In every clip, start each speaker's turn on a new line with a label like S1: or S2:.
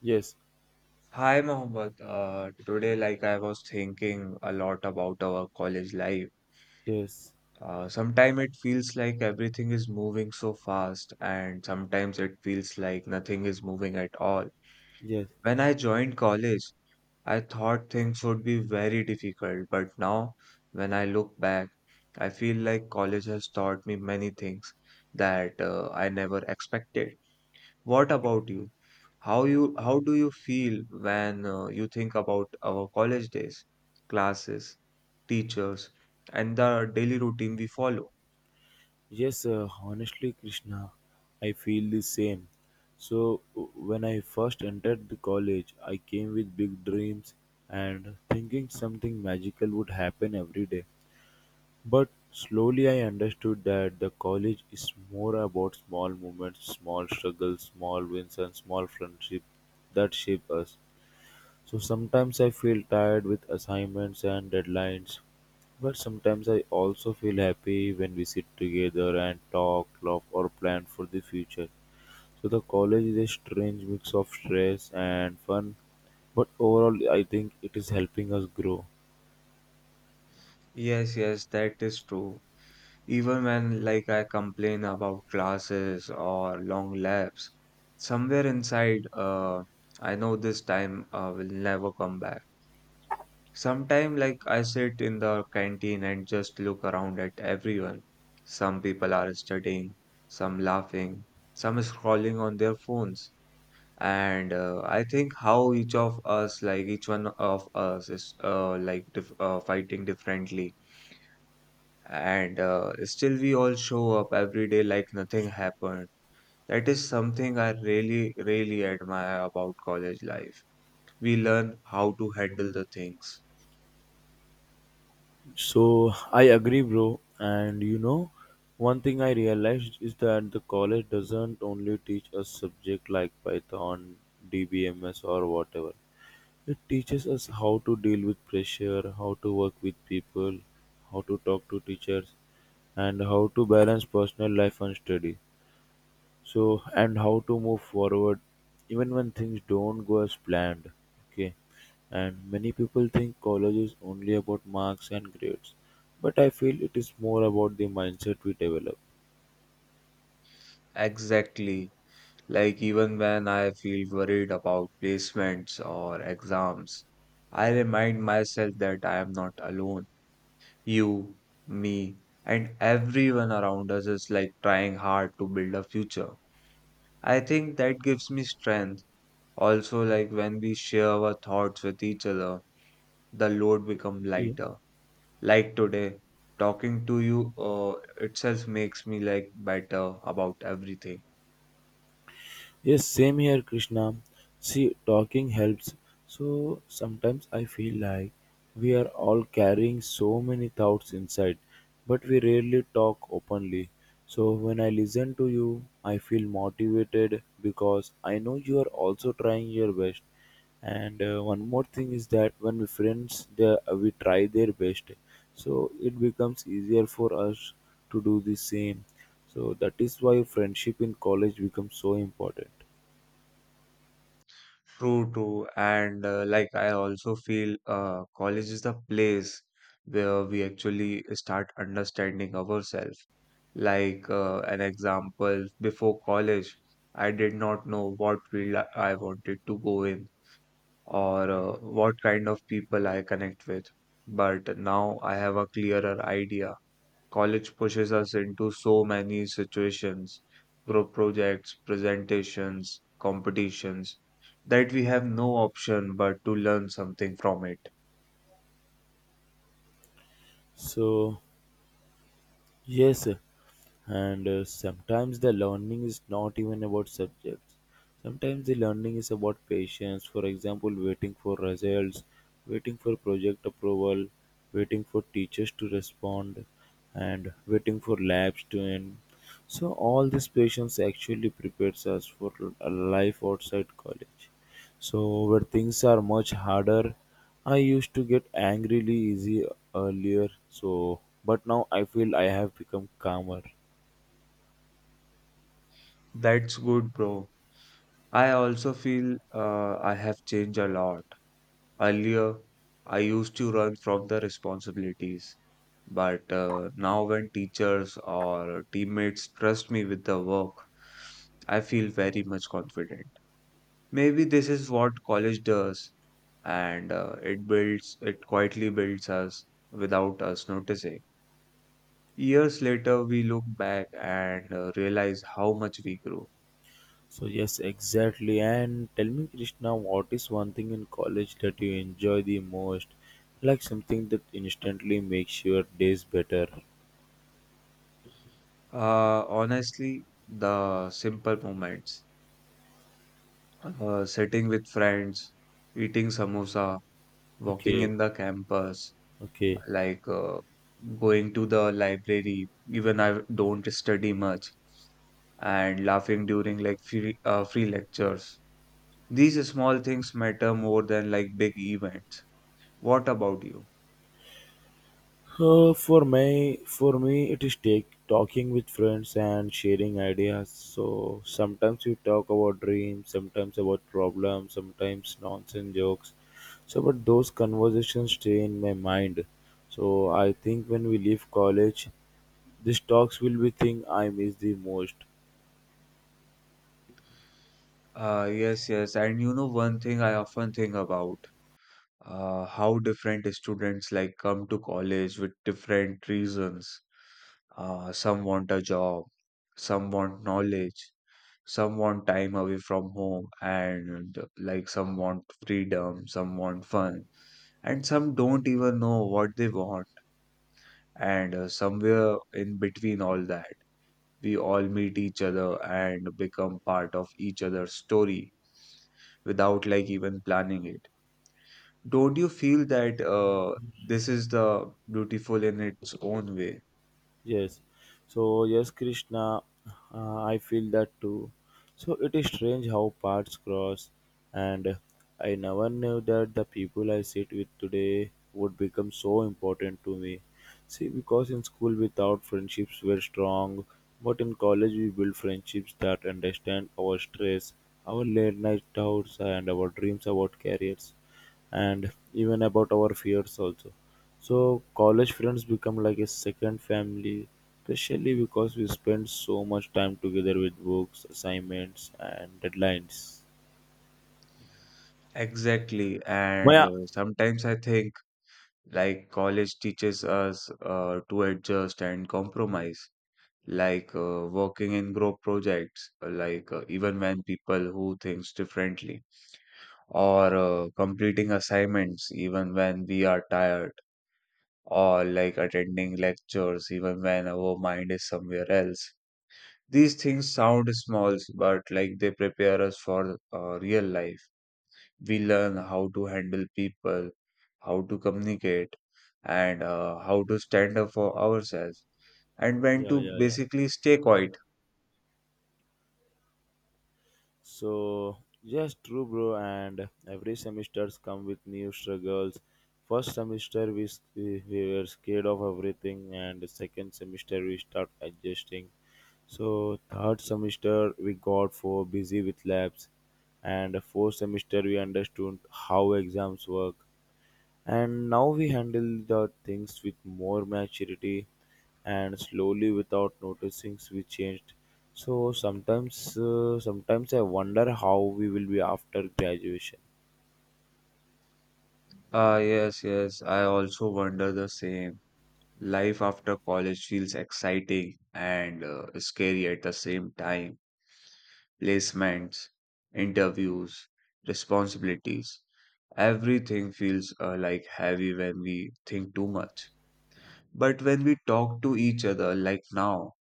S1: Yes,
S2: Hi, Mohammed. Today, like I was thinking a lot about our college life.
S1: yes,
S2: Sometimes it feels like everything is moving so fast, and sometimes it feels like nothing is moving at all.
S1: yes,
S2: When I joined college, I thought things would be very difficult, but now, when I look back, I feel like college has taught me many things that I never expected. What about you? How do you feel when you think about our college days, classes, teachers, and the daily routine we follow?
S1: yes. Honestly, Krishna, I feel the same. So, when I first entered the college, I came with big dreams and thinking something magical would happen every day. But slowly I understood that the college is more about small moments, small struggles, small wins, and small friendships that shape us. So sometimes I feel tired with assignments and deadlines, but sometimes I also feel happy when we sit together and talk, laugh, or plan for the future. So the college is a strange mix of stress and fun, but overall, I think it is helping us grow.
S2: Yes, yes, that is true. Even when like I complain about classes or long labs, somewhere inside, I know this time will never come back. Sometimes, like, I sit in the canteen and just look around at everyone. Some people are studying, some laughing, some scrolling on their phones. And I think how each of us, like each one of us, is like dif fighting differently. And Still, we all show up every day like nothing happened. That is something I really, really admire about college life. We learn how to handle the things.
S1: So I agree, bro. And you know, one thing I realized is that the college doesn't only teach us subject like Python, DBMS, or whatever. It teaches us how to deal with pressure, how to work with people, how to talk to teachers, and how to balance personal life and study. So, and how to move forward even when things don't go as planned. Okay, and many people think college is only about marks and grades, but I feel it is more about the mindset we develop.
S2: Exactly. Like, even when I feel worried about placements or exams, I remind myself that I am not alone. You, me, and everyone around us is like trying hard to build a future. I think that gives me strength. Also, like when we share our thoughts with each other, the load become lighter. Like today, talking to you itself makes me like better about everything.
S1: Yes, same here, Krishna. See, talking helps. So sometimes I feel like we are all carrying so many thoughts inside, but we rarely talk openly. So when I listen to you, I feel motivated because I know you are also trying your best, and one more thing is that when we friends they, we try their best, so it becomes easier for us to do the same, so that is why friendship in college becomes so important.
S2: True, true. And Like I also feel college is the place where we actually start understanding ourselves. Like an example, before college, I did not know what field I wanted to go in or what kind of people I connect with. But now I have a clearer idea. College pushes us into so many situations, group projects, presentations, competitions, that we have no option but to learn something from it.
S1: So yes, and sometimes the learning is not even about subjects. Sometimes the learning is about patience, for example waiting for results, waiting for project approval, waiting for teachers to respond, and waiting for labs to end. So all this patience actually prepares us for a life outside college, so where things are much harder. I used to get angrily easy earlier, so but now I feel I have become calmer.
S2: That's good, bro. I also feel I have changed a lot. Earlier, I used to run from the responsibilities, but now when teachers or teammates trust me with the work, I feel very much confident. Maybe this is what college does, and it builds, it quietly builds us without us noticing. Years later, we look back and realize how much we grew.
S1: So yes, exactly. And tell me, Krishna, what is one thing in college that you enjoy the most? Like something that instantly makes your days better.
S2: Honestly, the simple moments, sitting with friends, eating samosa, walking
S1: Okay,
S2: in the campus,
S1: okay.
S2: like going to the library, even I don't study much, and laughing during like free lectures. These small things matter more than like big events. What about you?
S1: For me, it is take, talking with friends and sharing ideas. So sometimes we talk about dreams, sometimes about problems, sometimes nonsense jokes. So, but those conversations stay in my mind. So I think when we leave college, these talks will be thing I miss the most.
S2: Yes, yes. And you know, one thing I often think about, how different students like come to college with different reasons. Some want a job, some want knowledge, some want time away from home, and like some want freedom, some want fun, and some don't even know what they want, and somewhere in between all that. We all meet each other and become part of each other's story without like even planning it. Don't you feel that this is the beautiful in its own way?
S1: Yes. So yes, Krishna, I feel that too. So it is strange how paths cross, and I never knew that the people I sit with today would become so important to me. See, because in school we thought friendships were strong, but in college we build friendships that understand our stress, our late night doubts, and our dreams about careers, and even about our fears also. So college friends become like a second family, especially because we spend so much time together with books, assignments, and deadlines.
S2: Exactly. And
S1: Maya.
S2: Sometimes I think like college teaches us to adjust and compromise, like working in group projects, even when people who thinks differently, or completing assignments even when we are tired or like attending lectures even when our mind is somewhere else. These things sound small, but like they prepare us for real life. We learn how to handle people, how to communicate, and how to stand up for ourselves, and when
S1: Yeah,
S2: to
S1: yeah, yeah.
S2: basically stay quiet.
S1: So yes, true, bro. And every semesters come with new struggles. First semester we s- we were scared of everything, and the second semester we start adjusting. So third semester we got for busy with labs, and the fourth semester we understood how exams work. And now we handle the things with more maturity, and slowly without noticing we changed. So sometimes I wonder how we will be after graduation.
S2: Ah, yes, yes, I also wonder the same. Life after college feels exciting and scary at the same time, placements, interviews, responsibilities. Everything feels like heavy when we think too much. But when we talk to each other, like now,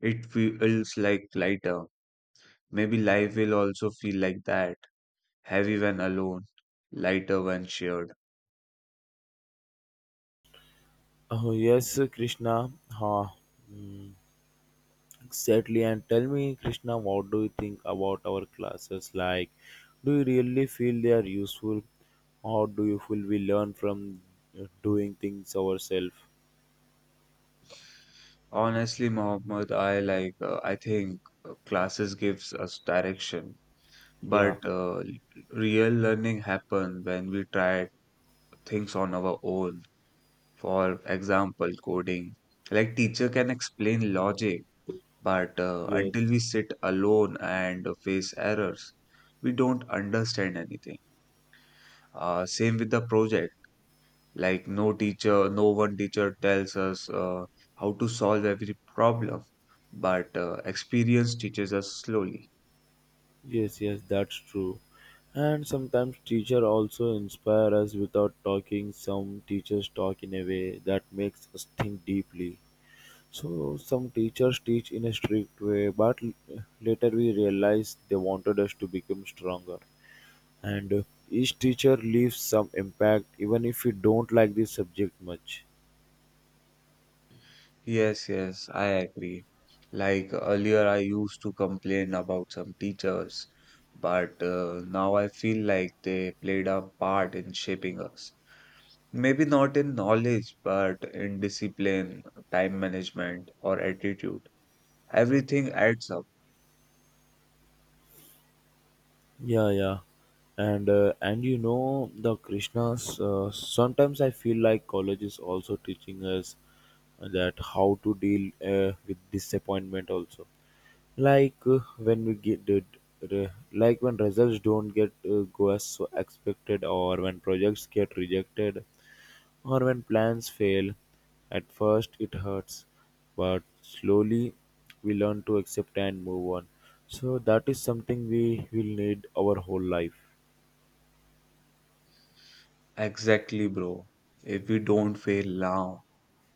S2: it feels like lighter. Maybe life will also feel like that, heavy when alone, lighter when shared.
S1: Oh yes, Krishna. Huh. Exactly. And tell me, Krishna, what do you think about our classes? Like, do you really feel they are useful, or do you feel we learn from doing things ourselves?
S2: Honestly, Mohammed, I think classes gives us direction, but
S1: Yeah.
S2: uh, real learning happen when we try things on our own. For example, coding. Like teacher can explain logic, but until
S1: Yes.
S2: we sit alone and face errors, we don't understand anything. Same with the project. Like no one teacher tells us how to solve every problem, but experience teaches us slowly.
S1: Yes, yes, that's true. And sometimes teacher also inspire us without talking. Some teachers talk in a way that makes us think deeply. So some teachers teach in a strict way, but later we realize they wanted us to become stronger. And each teacher leaves some impact, even if we don't like the subject much.
S2: Yes, yes, I agree. Like earlier, I used to complain about some teachers, but now I feel like they played a part in shaping us. Maybe not in knowledge, but in discipline, time management, or attitude. Everything adds up.
S1: Yeah, yeah, and and you know the Krishnas. Sometimes I feel like college is also teaching us that how to deal with disappointment. Also, like when we get did, like when results don't get go as so expected, or when projects get rejected, or when plans fail. At first, it hurts, but slowly we learn to accept and move on. So, that is something we will need our whole life.
S2: Exactly, bro. If we don't fail now,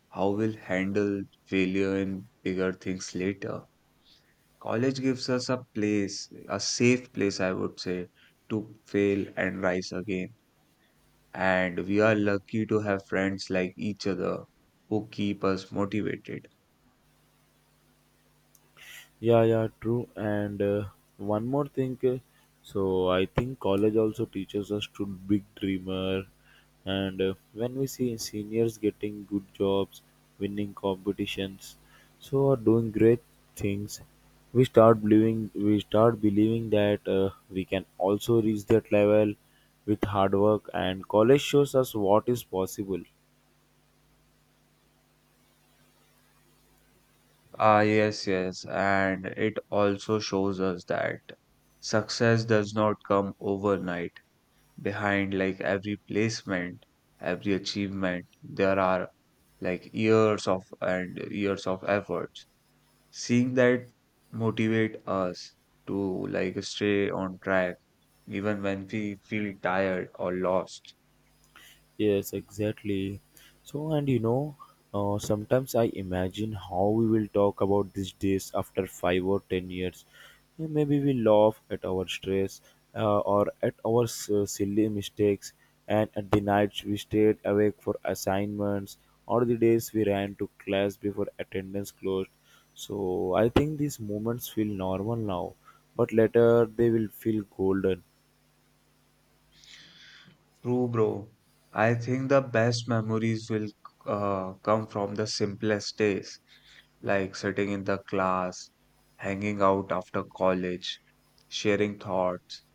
S2: how will handle failure in bigger things later? College gives us a place, a safe place, I would say, to fail and rise again. And we are lucky to have friends like each other who keep us motivated.
S1: Yeah, yeah, true. And one more thing, so I think college also teaches us to big dreamer. And when we see seniors getting good jobs, winning competitions, so are doing great things, we start believing that we can also reach that level with hard work. And college shows us what is possible.
S2: Ah, yes, yes. And it also shows us that success does not come overnight. Behind like every placement, every achievement, there are like years of and years of effort. Seeing that motivate us to like stay on track even when we feel tired or lost.
S1: Yes, exactly. So, and you know, sometimes I imagine how we will talk about these days after 5 or 10 years. And maybe we laugh at our stress or at our silly mistakes, and at the nights we stayed awake for assignments, or the days we ran to class before attendance closed. So, I think these moments feel normal now, but later they will feel golden.
S2: True, bro. I think the best memories will come from the simplest days, like sitting in the class, hanging out after college, sharing thoughts.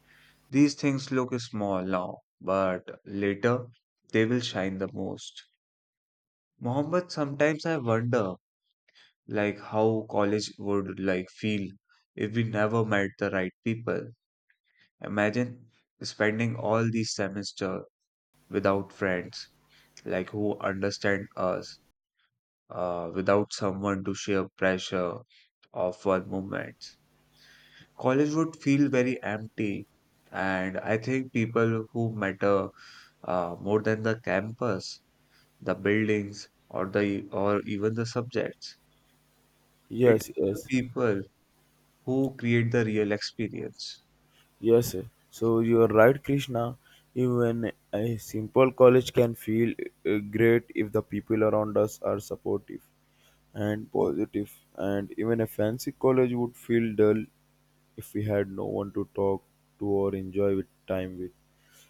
S2: These things look small now, but later they will shine the most. Mohammed, sometimes I wonder like how college would like feel if we never met the right people, imagine spending all the semester without friends like who understand us, without someone to share pressure of one moment, college would feel very empty, and I think people who matter more than the campus, the buildings, or the or even the subjects, it is
S1: Yes,
S2: the
S1: yes.
S2: people who create the real experience.
S1: Yes, so you are right, Krishna. Even a simple college can feel great if the people around us are supportive and positive. And even a fancy college would feel dull if we had no one to talk to or enjoy with time with.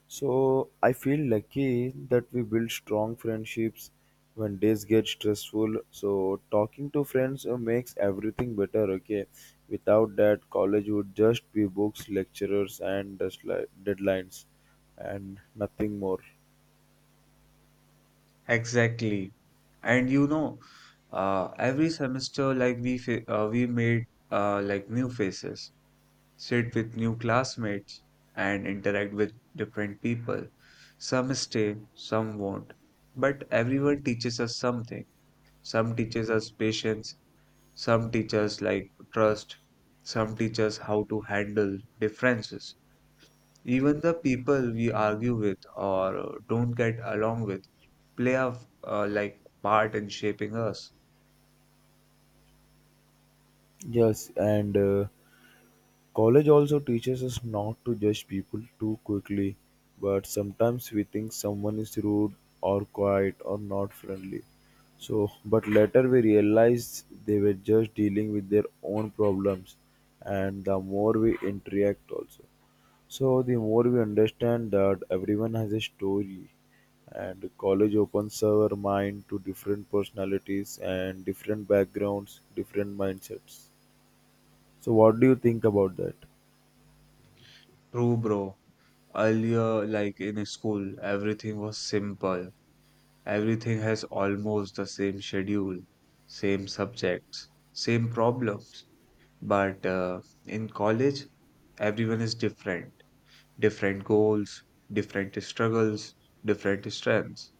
S1: So I feel lucky that we build strong friendships when days get stressful. So talking to friends makes everything better. Okay, without that, college would just be books, lecturers, and just like deadlines, and nothing more.
S2: Exactly. And you know, every semester, like we made like new faces, sit with new classmates, and interact with different people. Some stay, some won't, but everyone teaches us something. Some teaches us patience, some teaches like trust, some teaches how to handle differences. Even the people we argue with or don't get along with play like part in shaping us.
S1: Yes, and. College also teaches us not to judge people too quickly, but sometimes we think someone is rude or quiet or not friendly. So, but later we realize they were just dealing with their own problems, and the more we interact, also. So, the more we understand that everyone has a story, and college opens our mind to different personalities and different backgrounds, different mindsets. So, what do you think about that?
S2: True, bro. Earlier, like in school, everything was simple. Everything has almost the same schedule, same subjects, same problems. But in college, everyone is different. Different goals, different struggles, different strengths.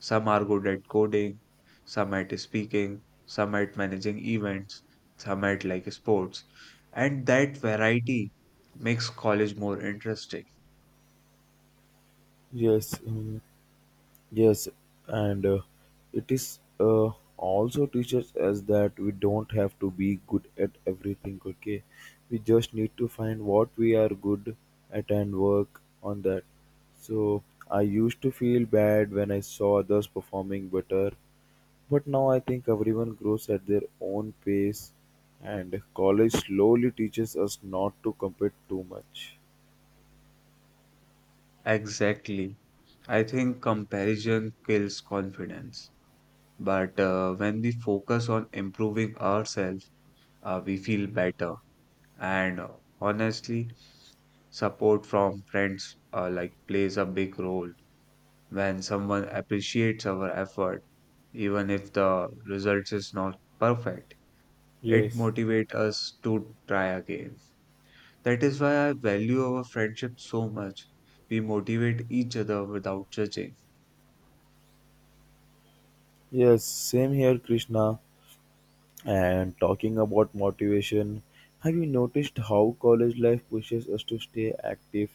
S2: Some are good at coding, some at speaking, some at managing events, some at like sports. And that variety makes college more interesting.
S1: Yes, mm, yes, and it is also teaches us that we don't have to be good at everything, okay? We just need to find what we are good at and work on that. So I used to feel bad when I saw others performing better, but now I think everyone grows at their own pace, and college slowly teaches us not to compete too much.
S2: Exactly. I think comparison kills confidence. But when we focus on improving ourselves, we feel better. And honestly, support from friends like plays a big role. When someone appreciates our effort, even if the results is not perfect, it
S1: Yes,
S2: motivates us to try again. That is why I value our friendship so much. We motivate each other without judging.
S1: yes, same here, Krishna. And talking about motivation, have you noticed how college life pushes us to stay active?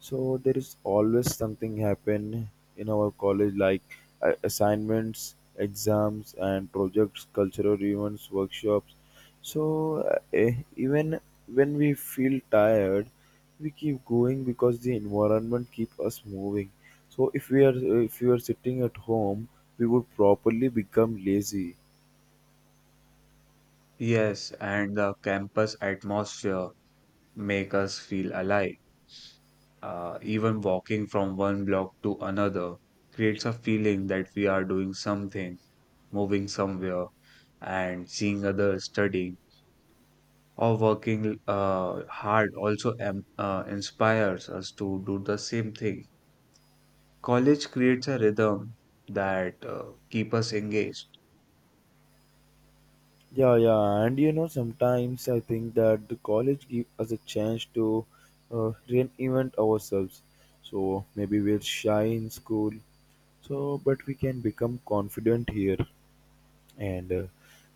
S1: So there is always something happen in our college, like assignments, exams and projects, cultural events, workshops. So even when we feel tired, we keep going because the environment keep us moving. So if we are sitting at home, we would properly become lazy.
S2: Yes, and the campus atmosphere make us feel alive. Even walking from one block to another creates a feeling that we are doing something, moving somewhere, and seeing others studying or working hard also inspires us to do the same thing. College creates a rhythm that keep us engaged.
S1: Yeah, yeah, and you know, sometimes I think that the college give us a chance to reinvent ourselves. So maybe we're shy in school, so but we can become confident here. And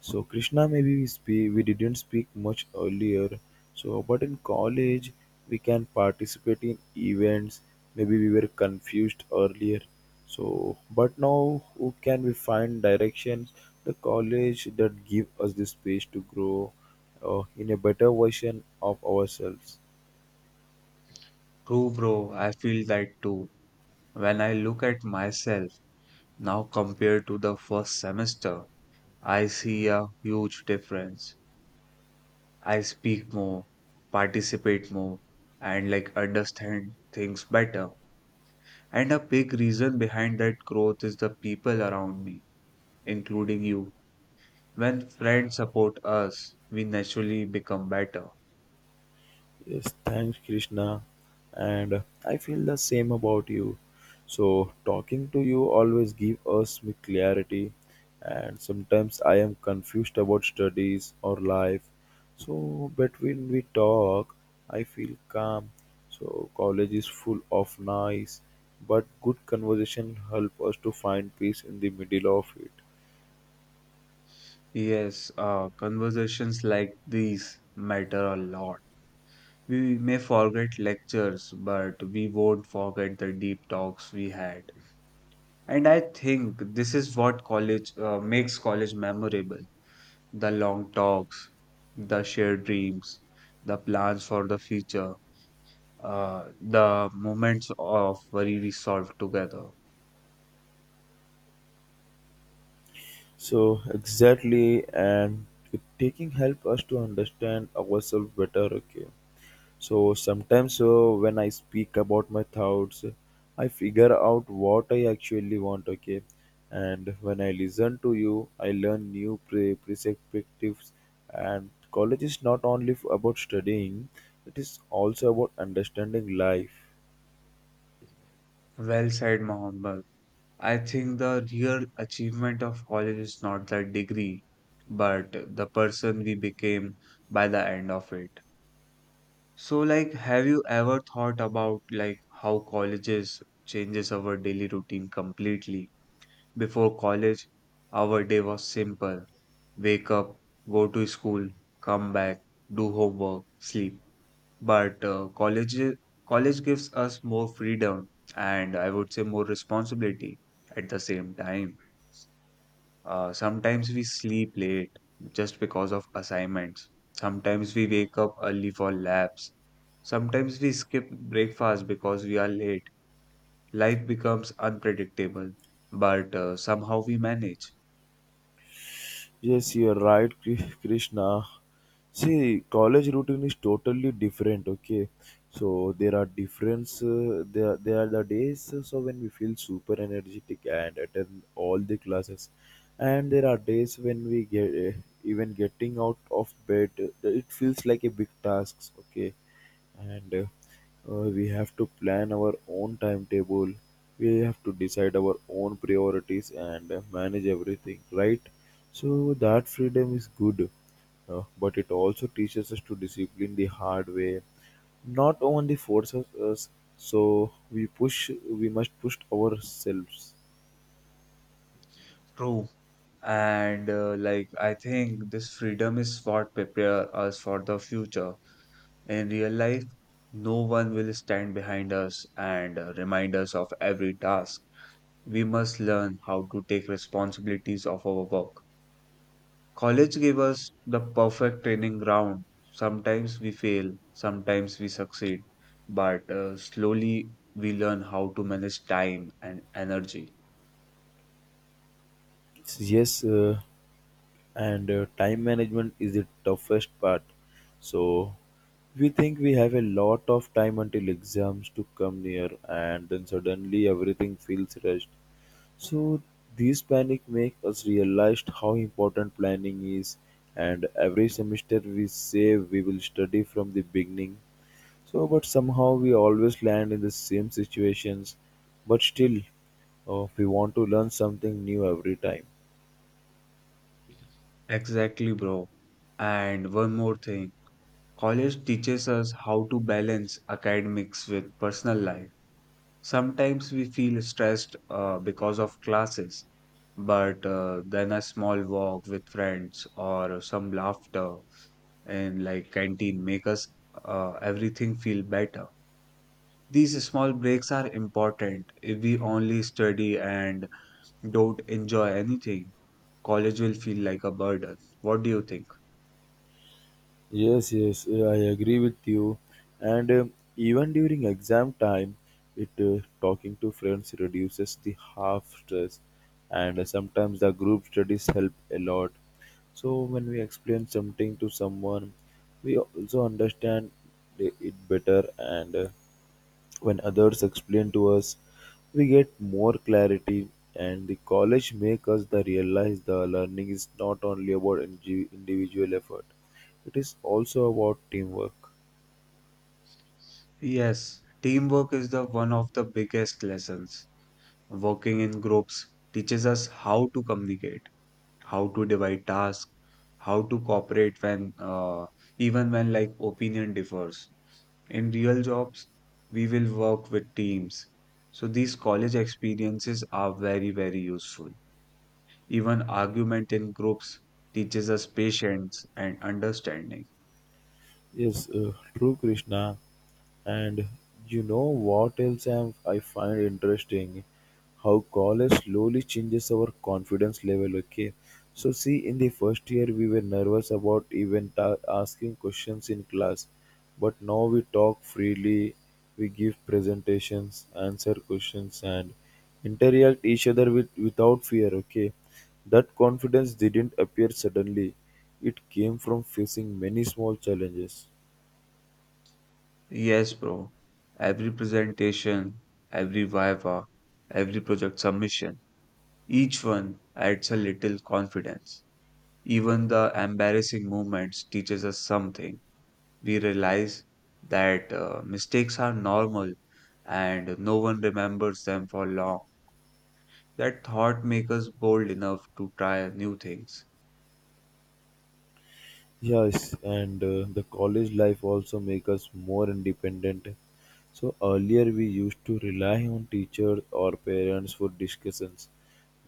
S1: so Krishna, maybe we speak, we didn't speak much earlier. So, but in college, we can participate in events. Maybe we were confused earlier. So, but now, who can we find directions? The college that give us the space to grow in a better version of ourselves.
S2: True, bro, I feel that too. When I look at myself now compared to the first semester, I see a huge difference. I speak more, participate more, and like understand things better. And a big reason behind that growth is the people around me, including you. When friends support us, we naturally become better.
S1: Yes, thanks, Krishna. And I feel the same about you. So talking to you always give us with clarity. And sometimes I am confused about studies or life. So but when we talk, I feel calm. So college is full of noise, but good conversation help us to find peace in the middle of it.
S2: Yes, conversations like these matter a lot. We may forget lectures, but we won't forget the deep talks we had. And I think this is what college makes college memorable. The long talks, the shared dreams, the plans for the future, the moments of worry we solved together.
S1: So exactly, and taking help us to understand ourselves better. Okay. So sometimes when I speak about my thoughts, I figure out what I actually want. Okay, and when I listen to you, I learn new perspectives. And college is not only about studying; it is also about understanding life.
S2: Well said, Mohammed. I think the real achievement of college is not the degree, but the person we became by the end of it. So, like, have you ever thought about like how colleges changes our daily routine completely? Before college, our day was simple: wake up, go to school, come back, do homework, sleep. But college gives us more freedom and I would say more responsibility at the same time. Sometimes we sleep late just because of assignments. Sometimes we wake up early for labs. Sometimes we skip breakfast because we are late. Life becomes unpredictable, but somehow we manage.
S1: Yes, you're right, Krishna. See, college routine is totally different. Okay, so there are difference. There are the days so when we feel super energetic and attend all the classes, and there are days when we get even getting out of bed. It feels like a big task. Okay, and we have to plan our own timetable. We have to decide our own priorities and manage everything, right? So that freedom is good, but it also teaches us to discipline the hard way. Not only forces us, so we push. We must push ourselves.
S2: True. And Like I think this freedom is what prepare us for the future. In real life, no one will stand behind us and remind us of every task. We must learn how to take responsibilities of our work. College gave us the perfect training ground. Sometimes we fail, sometimes we succeed, but slowly we learn how to manage time and energy.
S1: Yes, and time management is the toughest part, so we think we have a lot of time until exams to come near and then suddenly everything feels rushed. So these panic make us realize how important planning is, and every semester we say we will study from the beginning. So but somehow we always land in the same situations, but still we want to learn something new every time.
S2: Exactly, bro. And one more thing, college teaches us how to balance academics with personal life. Sometimes we feel stressed because of classes, but then a small walk with friends or some laughter and like canteen make us everything feel better. These small breaks are important. If we only study and don't enjoy anything, college will feel like a burden. What do you think?
S1: Yes, yes, I agree with you. And even during exam time, it talking to friends reduces the half stress, and sometimes the group studies help a lot. So when we explain something to someone, we also understand it better, and when others explain to us, we get more clarity, and the college make us the realize the learning is not only about individual effort; it is also about teamwork.
S2: Yes, teamwork is the one of the biggest lessons. Working in groups teaches us how to communicate, how to divide tasks, how to cooperate when even when like opinion differs. In real jobs, we will work with teams. So these college experiences are very, very useful. Even argument in groups teaches us patience and understanding.
S1: Yes, true, Krishna. And you know what else I find interesting? How college slowly changes our confidence level. Okay, so see, in the first year we were nervous about even asking questions in class, but now we talk freely, we give presentations, answer questions, and interact each other with without fear. Okay, that confidence didn't appear suddenly; it came from facing many small challenges.
S2: Yes, bro. Every presentation, every viva, every project submission, each one adds a little confidence. Even the embarrassing moments teaches us something. We realize that mistakes are normal and no one remembers them for long. That thought makes us bold enough to try new things.
S1: Yes, and the college life also make us more independent. So earlier we used to rely on teachers or parents for discussions.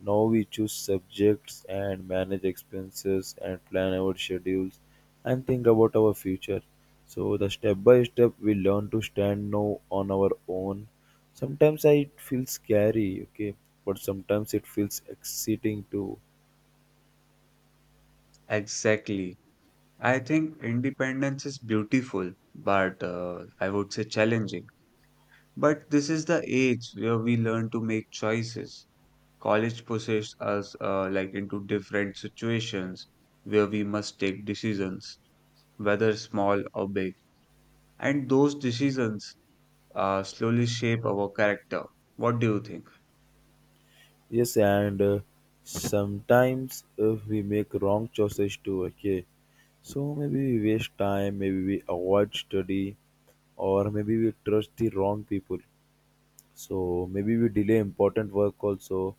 S1: Now we choose subjects and manage expenses and plan our schedules and think about our future. So the step by step we learn to stand now on our own. Sometimes it feels scary, okay, but sometimes it feels exciting too.
S2: Exactly. I think independence is beautiful, but I would say challenging. But this is the age where we learn to make choices. College pushes us like into different situations where we must take decisions, whether small or big. And those decisions slowly shape our character. What do you think?
S1: Yes, and sometimes if we make wrong choices too, okay. So maybe we waste time, maybe we avoid study, or maybe we trust the wrong people. So maybe we delay important work also.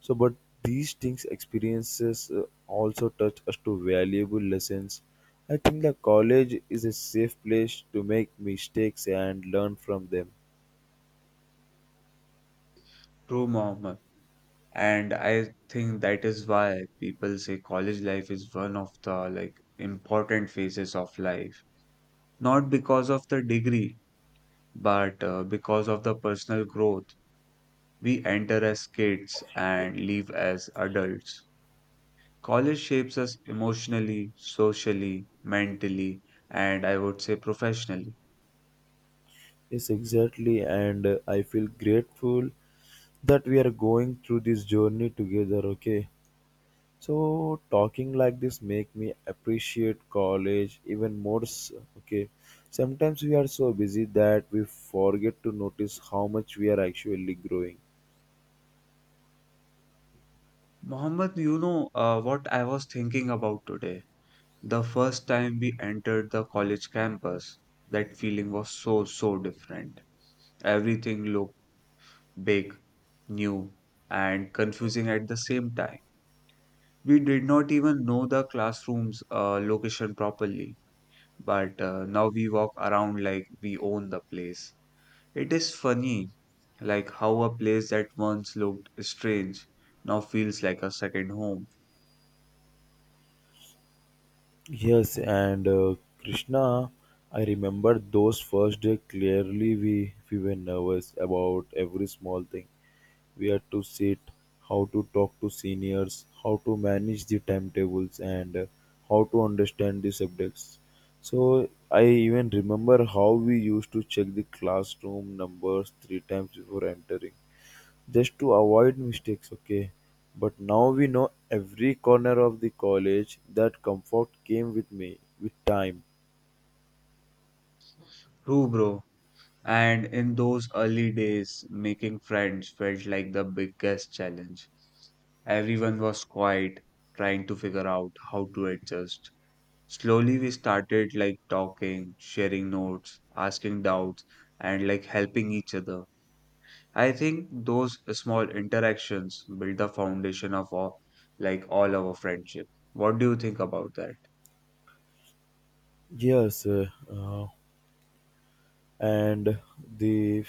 S1: So, but these things, experiences also touch us to valuable lessons. I think the college is a safe place to make mistakes and learn from them.
S2: True, Mohammed. And I think that is why people say college life is one of the like important phases of life. Not because of the degree, but because of the personal growth. We enter as kids and leave as adults. College shapes us emotionally, socially, mentally, and I would say professionally.
S1: Yes, exactly, and I feel grateful that we are going through this journey together, okay, so talking like this make me appreciate college even more okay, sometimes we are so busy that we forget to notice how much we are actually growing.
S2: Mohammed, what I was thinking about today. The first time we entered the college campus, that feeling was so, so different. Everything looked big, new, and confusing at the same time. We did not even know the classroom's location properly, but now we walk around like we own the place. It is funny, like how a place that once looked strange now feels like a second home.
S1: Yes, and Krishna, I remember those first day clearly. We were nervous about every small thing: where to sit, how to talk to seniors, how to manage the timetables, and how to understand the subjects. So I even remember how we used to check the classroom numbers three times before entering, just to avoid mistakes, okay? But now we know every corner of the college. That comfort came with me with time.
S2: True, bro. And in those early days, making friends felt like the biggest challenge. Everyone was quiet, trying to figure out how to adjust. Slowly, we started like talking, sharing notes, asking doubts, and like helping each other. I think those small interactions build the foundation of all, like all our friendship. What do you think about that?
S1: Yes, and the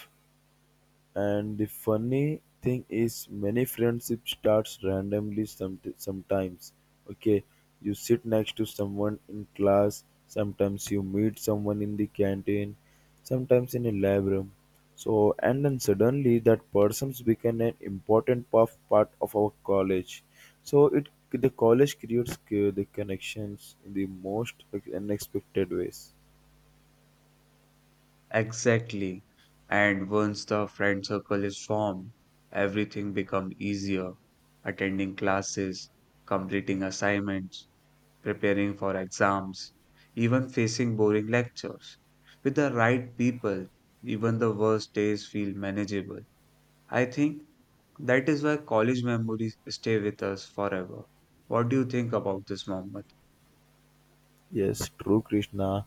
S1: And the funny thing is, many friendship starts randomly some, sometimes. Okay, you sit next to someone in class, sometimes you meet someone in the canteen, sometimes in a lab room. So, and then suddenly that person's become an important part of our college. So, it the college creates the connections in the most unexpected ways.
S2: Exactly. And once the friend circle is formed, everything becomes easier. Attending classes, completing assignments, preparing for exams, even facing boring lectures. With the right people, even the worst days feel manageable. I think that is why college memories stay with us forever. What do you think about this, Mohammed?
S1: Yes, true, Krishna.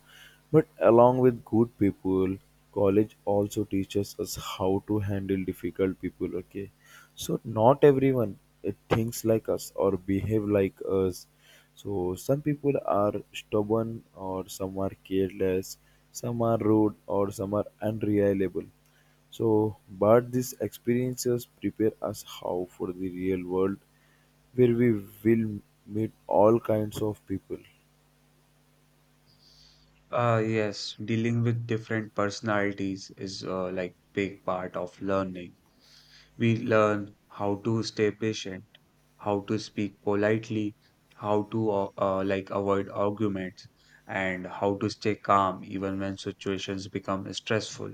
S1: But along with good people, college also teaches us how to handle difficult people. Okay, so not everyone thinks like us or behave like us. So some people are stubborn, or some are careless, some are rude, or some are unreliable. So, but these experiences prepare us how for the real world, where we will meet all kinds of people.
S2: Yes, dealing with different personalities is like big part of learning. We learn how to stay patient, how to speak politely, how to like avoid arguments, and how to stay calm even when situations become stressful.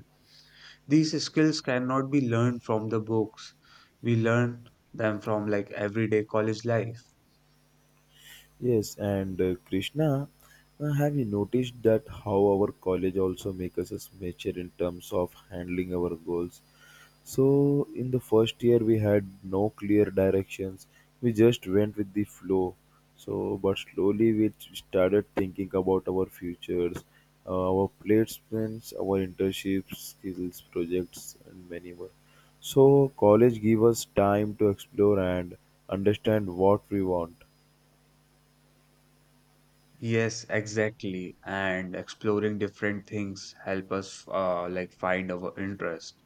S2: These skills cannot be learned from the books. We learn them from like everyday college life.
S1: Yes, and Krishna, have you noticed that how our college also makes us mature in terms of handling our goals? So, in the first year, we had no clear directions. We just went with the flow. So, but slowly we started thinking about our futures, our placements, our internships, skills, projects, and many more. So, college give us time to explore and understand what we want.
S2: Yes, exactly. And exploring different things help us like find our interest.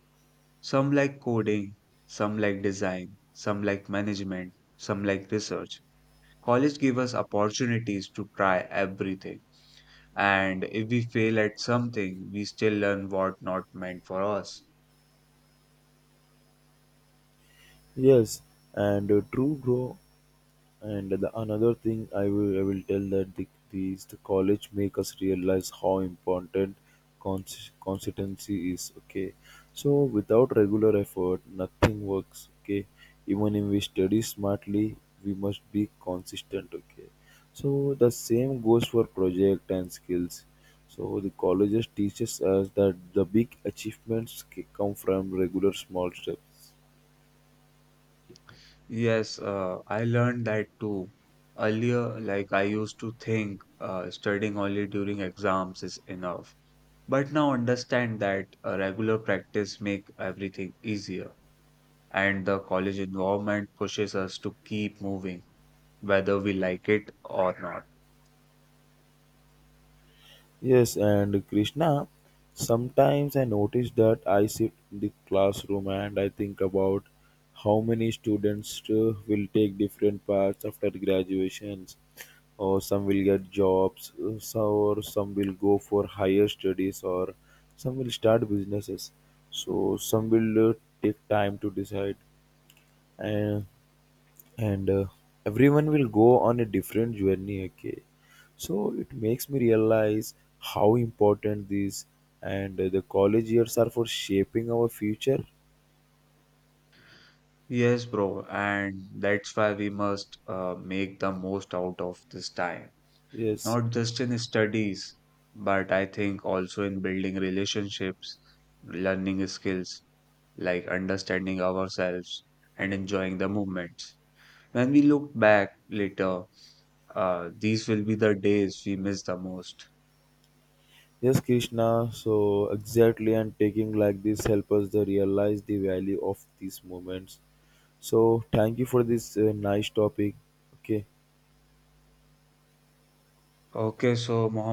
S2: Some like coding, some like design, some like management, some like research. College give us opportunities to try everything. And if we fail at something, we still learn what not meant for us.
S1: Yes, and true, bro. And the another thing I will tell that the, these the college make us realize how important consistency is. Okay, so without regular effort, nothing works. Okay, even if we study smartly, we must be consistent. Okay, so the same goes for project and skills. So the colleges teaches us that the big achievements come from regular small steps.
S2: Yes, I learned that too. Earlier, like I used to think studying only during exams is enough, but now understand that a regular practice make everything easier, and the college environment pushes us to keep moving whether we like it or not.
S1: Yes, and Krishna, sometimes I notice that I sit in the classroom and I think about how many students will take different paths after graduations, or some will get jobs, so or some will go for higher studies, or some will start businesses. So some will take time to decide, and everyone will go on a different journey, okay, so it makes me realize how important these and the college years are for shaping our future.
S2: Yes, bro, and that's why we must make the most out of this time,
S1: Yes,
S2: not just in studies, but I think also in building relationships, learning skills, like understanding ourselves, and enjoying the moments. When we look back later, these will be the days we miss the most.
S1: yes, Krishna, so exactly, and taking like this help us to realize the value of these moments. So thank you for this nice topic. Okay.
S2: Okay, so Mohammed.